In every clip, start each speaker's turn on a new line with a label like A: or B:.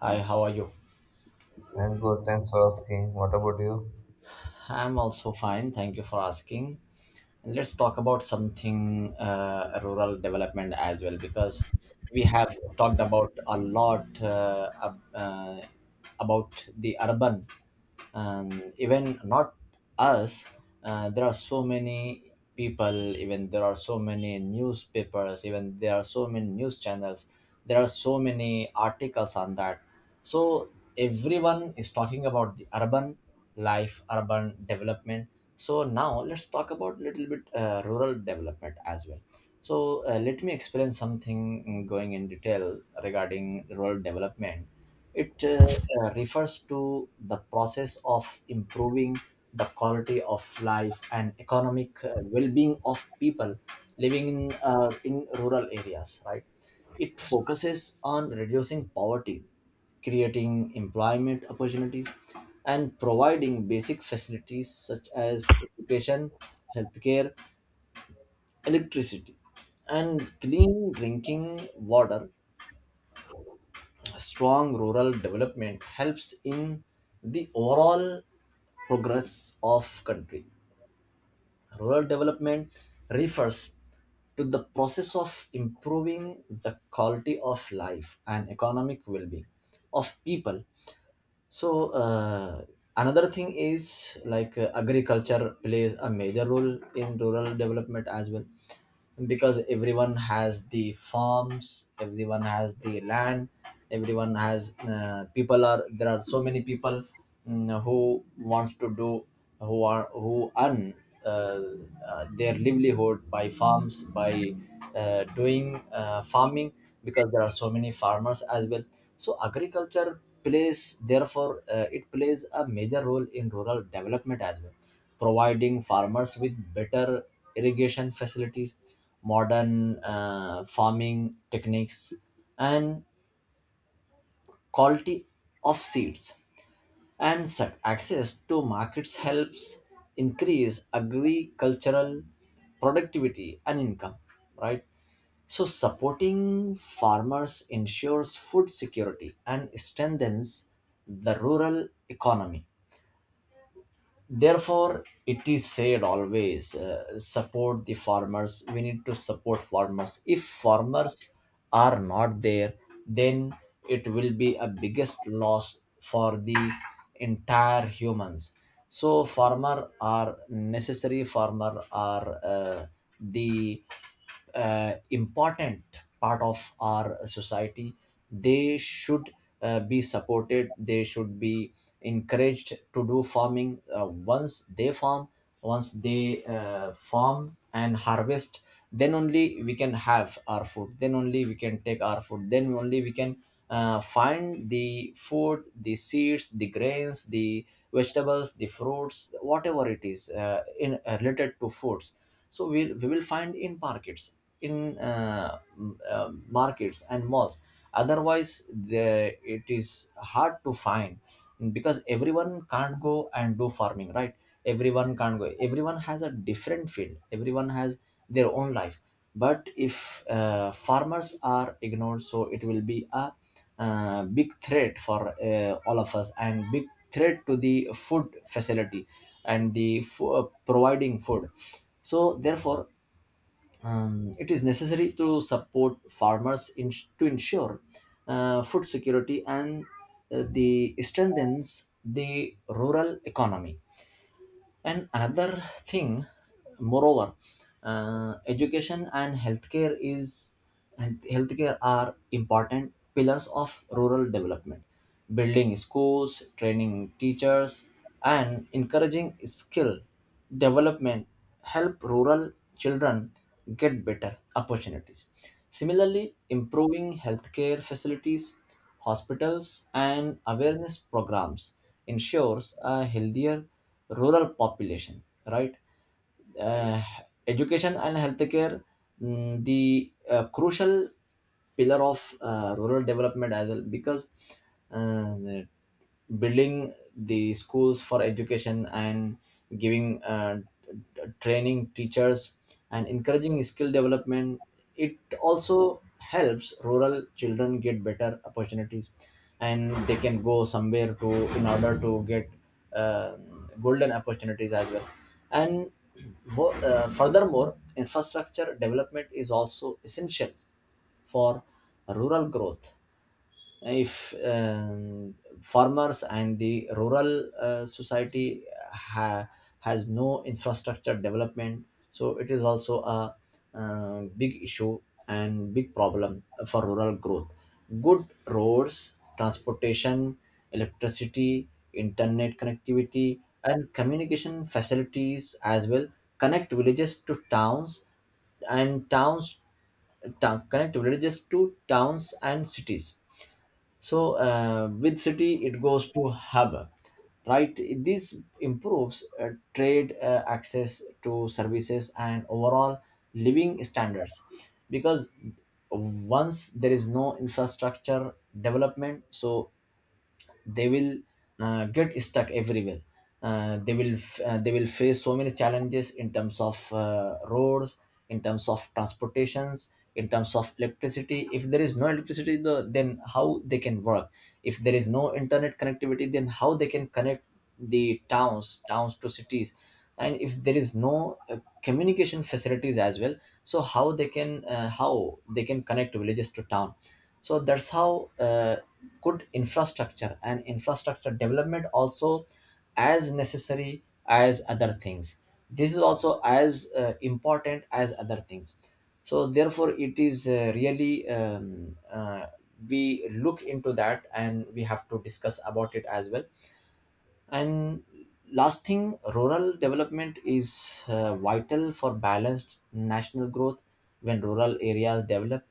A: Hi, how are you?
B: I'm good, thanks for asking. What about you?
A: I'm also fine. Thank you for asking. And let's talk about something rural development as well because we have talked about a lot about the urban. And even not us, there are so many people, even there are so many newspapers, even there are so many news channels, there are so many articles on that. So everyone is talking about the urban life, urban development. So now let's talk about little bit rural development as well. So let me explain something going in detail regarding rural development. It refers to the process of improving the quality of life and economic well-being of people living in rural areas, right? It focuses on reducing poverty, creating employment opportunities, and providing basic facilities such as education, healthcare, electricity, and clean drinking water. Strong rural development helps in the overall progress of country. Rural development refers to the process of improving the quality of life and economic well-being of people. So another thing is like, agriculture plays a major role in rural development as well, because everyone has the farms, everyone has the land, everyone has people are, there are so many people who wants to do, who are, who earn uh, their livelihood by farms, by doing farming, because there are so many farmers as well. So agriculture plays, therefore it plays a major role in rural development as well, providing farmers with better irrigation facilities, modern farming techniques, and quality of seeds, and such access to markets helps increase agricultural productivity and income, right? So supporting farmers ensures food security and strengthens the rural economy. Therefore it is said, always support the farmers. We need to support farmers. If farmers are not there, then it will be a biggest loss for the entire humans. So farmer are necessary, farmer are the important part of our society. They should be supported, they should be encouraged to do farming. Once they farm, once they farm and harvest, then only we can have our food, then only we can take our food, then only we can find the food, the seeds, the grains, the vegetables, the fruits, whatever it is in related to foods. So we will find in markets, in markets and malls. Otherwise the, it is hard to find, because everyone can't go and do farming, right? Everyone can't go, everyone has a different field, everyone has their own life. But if farmers are ignored, so it will be a big threat for all of us, and big threat to the food facility and the providing food. So therefore, it is necessary to support farmers in, to ensure food security and the strengthens the rural economy. And another thing, moreover, education and healthcare is, and healthcare are important pillars of rural development. Building schools, training teachers, and encouraging skill development help rural children get better opportunities. Similarly, improving healthcare facilities, hospitals, and awareness programs ensures a healthier rural population, right? uh, Education and healthcare, the crucial pillar of rural development as well, because the building the schools for education and giving training teachers and encouraging skill development, it also helps rural children get better opportunities, and they can go somewhere to, in order to get uh, golden opportunities as well. And furthermore, infrastructure development is also essential for rural growth. If farmers and the rural society ha- has no infrastructure development, so it is also a big issue and big problem for rural growth. Good roads, transportation, electricity, internet connectivity, and communication facilities as well, connect villages to towns and towns, town, connect villages to towns and cities. So with city it goes to hub, right? This improves trade, access to services, and overall living standards. Because once there is no infrastructure development, so they will get stuck everywhere. They will they will face so many challenges in terms of roads, in terms of transportations, in terms of electricity. If there is no electricity though, then how they can work? If there is no internet connectivity, then how they can connect the towns to cities? And if there is no communication facilities as well, so how they can connect villages to town? So that's how good infrastructure and infrastructure development also as necessary as other things, this is also as important as other things. So therefore it is really we look into that and we have to discuss about it as well. And last thing, rural development is vital for balanced national growth. When rural areas develop,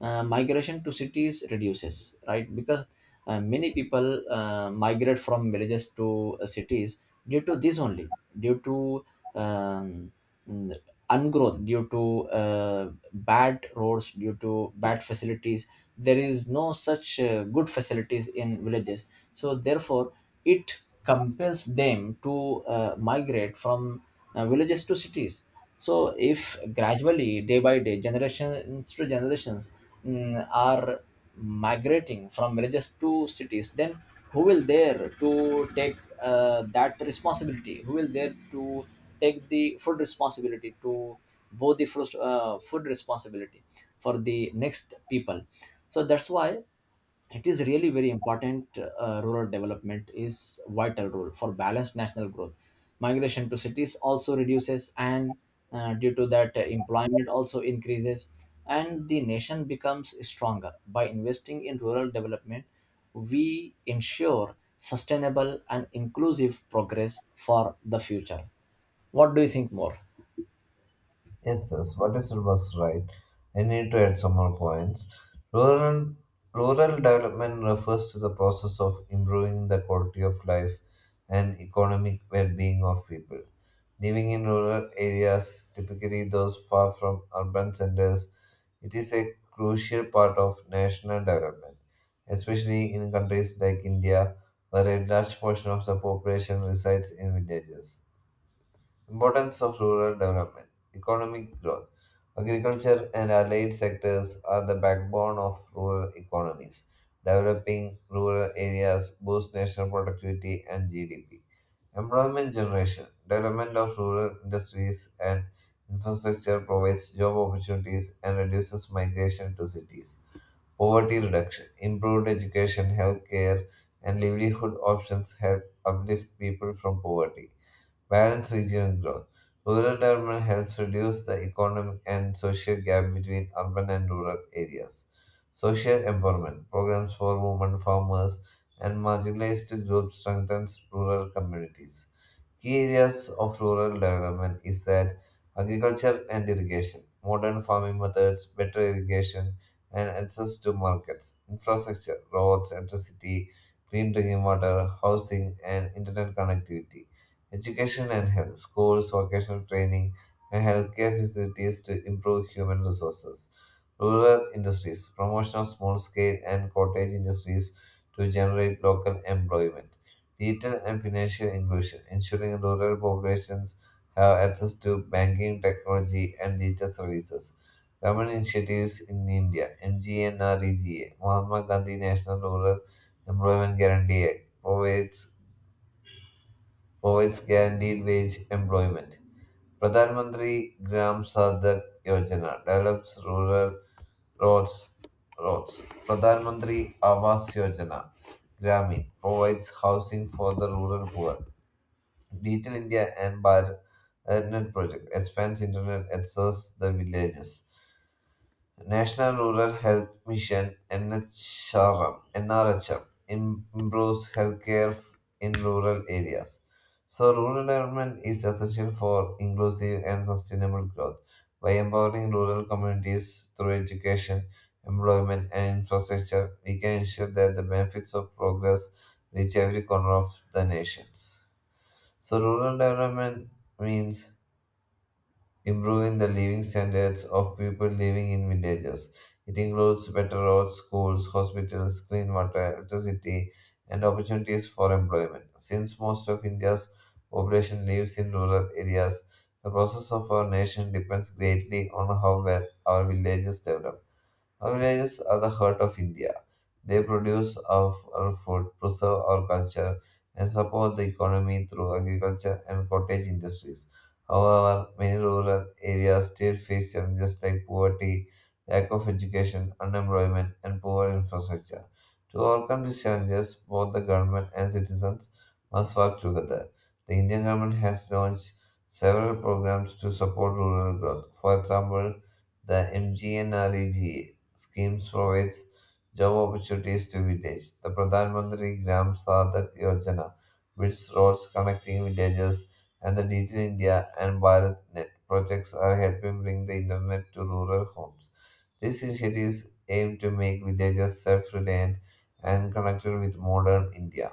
A: migration to cities reduces, right? Because many people migrate from villages to cities, due to this only, due to um, mm, ungrowth, due to bad roads, due to bad facilities. There is no such good facilities in villages. So therefore it compels them to migrate from villages to cities. So if gradually, day by day, generations to generations are migrating from villages to cities, then who will there to take that responsibility, who will there to take the food responsibility to both the first, food responsibility for the next people. So that's why it is really very important. Rural development is vital role for balanced national growth. Migration to cities also reduces, and due to that employment also increases, and the nation becomes stronger. By investing in rural development, we ensure sustainable and inclusive progress for the future. What do you think more?
B: Yes, yes, what is it was right? I need to add some more points. Rural, rural development refers to the process of improving the quality of life and economic well-being of people. Living in rural areas, typically those far from urban centers, it is a crucial part of national development, especially in countries like India, where a large portion of the population resides in villages. Importance of rural development, economic growth. Agriculture and allied sectors are the backbone of rural economies. Developing rural areas boosts national productivity and GDP. Employment generation, development of rural industries and infrastructure provides job opportunities and reduces migration to cities. Poverty reduction, improved education, healthcare, and livelihood options help uplift people from poverty. Balanced regional growth. Rural development helps reduce the economic and social gap between urban and rural areas. Social empowerment programs for women farmers and marginalized groups strengthens rural communities. Key areas of rural development is that agriculture and irrigation, modern farming methods, better irrigation, and access to markets, infrastructure, roads, electricity, clean drinking water, housing, and internet connectivity, education and health, schools, vocational training, and healthcare facilities to improve human resources. Rural industries, promotion of small scale and cottage industries to generate local employment. Digital and financial inclusion, ensuring rural populations have access to banking, technology, and digital services. Government initiatives in India, MGNREGA, Mahatma Gandhi National Rural Employment Guarantee Act, provides guaranteed wage employment. Pradhan Mantri Gram Sadak Yojana develops rural Roads, roads. Pradhan Mantri Awas Yojana Gramin provides housing for the rural poor. Digital India and Bharatnet project expands internet access the villages. National Rural Health Mission NHRM, NRHM improves healthcare in rural areas. So, rural development is essential for inclusive and sustainable growth by empowering rural communities through education, employment, and infrastructure. We can ensure that the benefits of progress reach every corner of the nations. So, rural development means improving the living standards of people living in villages. It includes better roads, schools, hospitals, clean water, electricity, and opportunities for employment. Since most of India's population lives in rural areas, the process of our nation depends greatly on how well our villages develop. Our villages are the heart of India. They produce of our food, preserve our culture, and support the economy through agriculture and cottage industries. However, many rural areas still face challenges like poverty, lack of education, unemployment, and poor infrastructure. To overcome these challenges, both the government and citizens must work together. The Indian government has launched several programs to support rural growth. For example, the MGNREGA schemes provides job opportunities to villages. The Pradhan Mantri Gram Sadak Yojana builds roads connecting villages, and the Digital India and BharatNet projects are helping bring the internet to rural homes. These initiatives aim to make villages self-reliant and connected with modern India.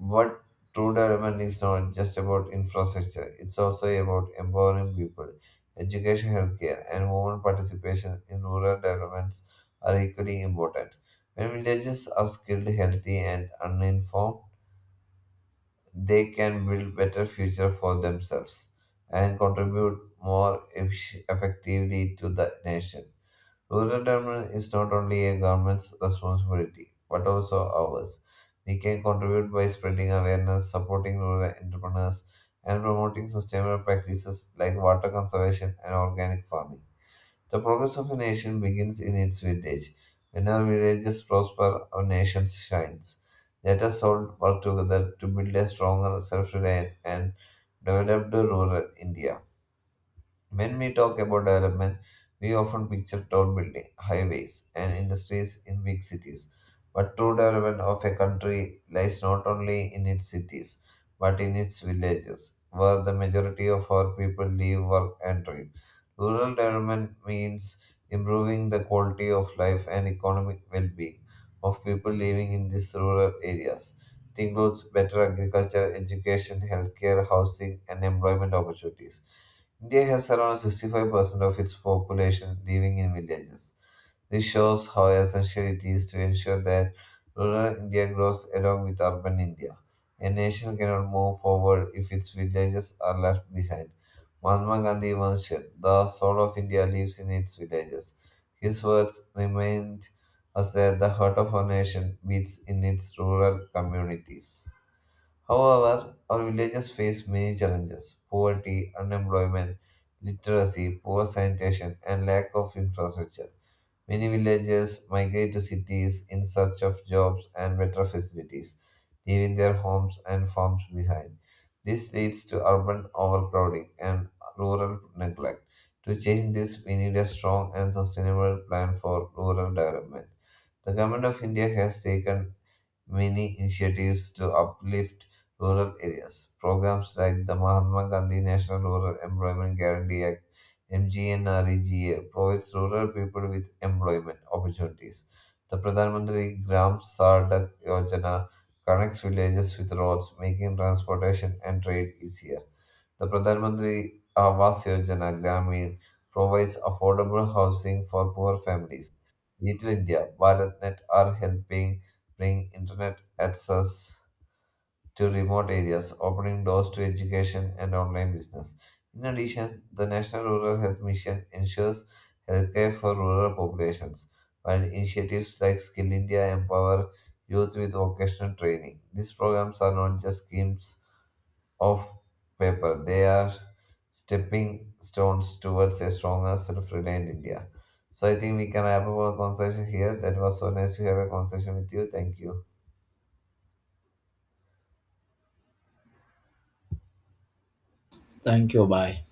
B: But true development is not just about infrastructure, it's also about empowering people. Education, healthcare, and women participation in rural developments are equally important. When villages are skilled, healthy, and uninformed, they can build better future for themselves and contribute more effectively to the nation. Rural development is not only a government's responsibility, but also ours. We can contribute by spreading awareness, supporting rural entrepreneurs, and promoting sustainable practices like water conservation and organic farming. The progress of a nation begins in its village. When our villages prosper, our nation shines. Let us all work together to build a stronger, self reliant, and developed rural India. When we talk about development, we often picture tall buildings, highways, and industries in big cities. But true development of a country lies not only in its cities, but in its villages, where the majority of our people live, work, and trade. Rural development means improving the quality of life and economic well being of people living in these rural areas. It includes better agriculture, education, healthcare, housing, and employment opportunities. India has around 65% of its population living in villages. This shows how essential it is to ensure that rural India grows along with urban India. A nation cannot move forward if its villages are left behind. Mahatma Gandhi once said, the soul of India lives in its villages. His words remind us that the heart of our nation beats in its rural communities. However, our villages face many challenges poverty, unemployment, literacy, poor sanitation, and lack of infrastructure. Many villages migrate to cities in search of jobs and better facilities, leaving their homes and farms behind. This leads to urban overcrowding and rural neglect. To change this, we need a strong and sustainable plan for rural development. The Government of India has taken many initiatives to uplift rural areas. Programs like the Mahatma Gandhi National Rural Employment Guarantee Act (MGNREGA) provides rural people with employment opportunities. The Pradhan Mantri Gram Sadak Yojana connects villages with roads, making transportation and trade easier. The Pradhan Mantri Awas Yojana Gramin provides affordable housing for poor families. Little India, BharatNet are helping bring internet access to remote areas, opening doors to education and online business. In addition, the National Rural Health Mission ensures healthcare for rural populations, while initiatives like Skill India empower youth with vocational training. These programs are not just schemes of paper. They are stepping stones towards a stronger, self reliant India. So I think we can wrap up our conversation here. That was so nice to have a conversation with you. Thank you.
A: Thank you, bye.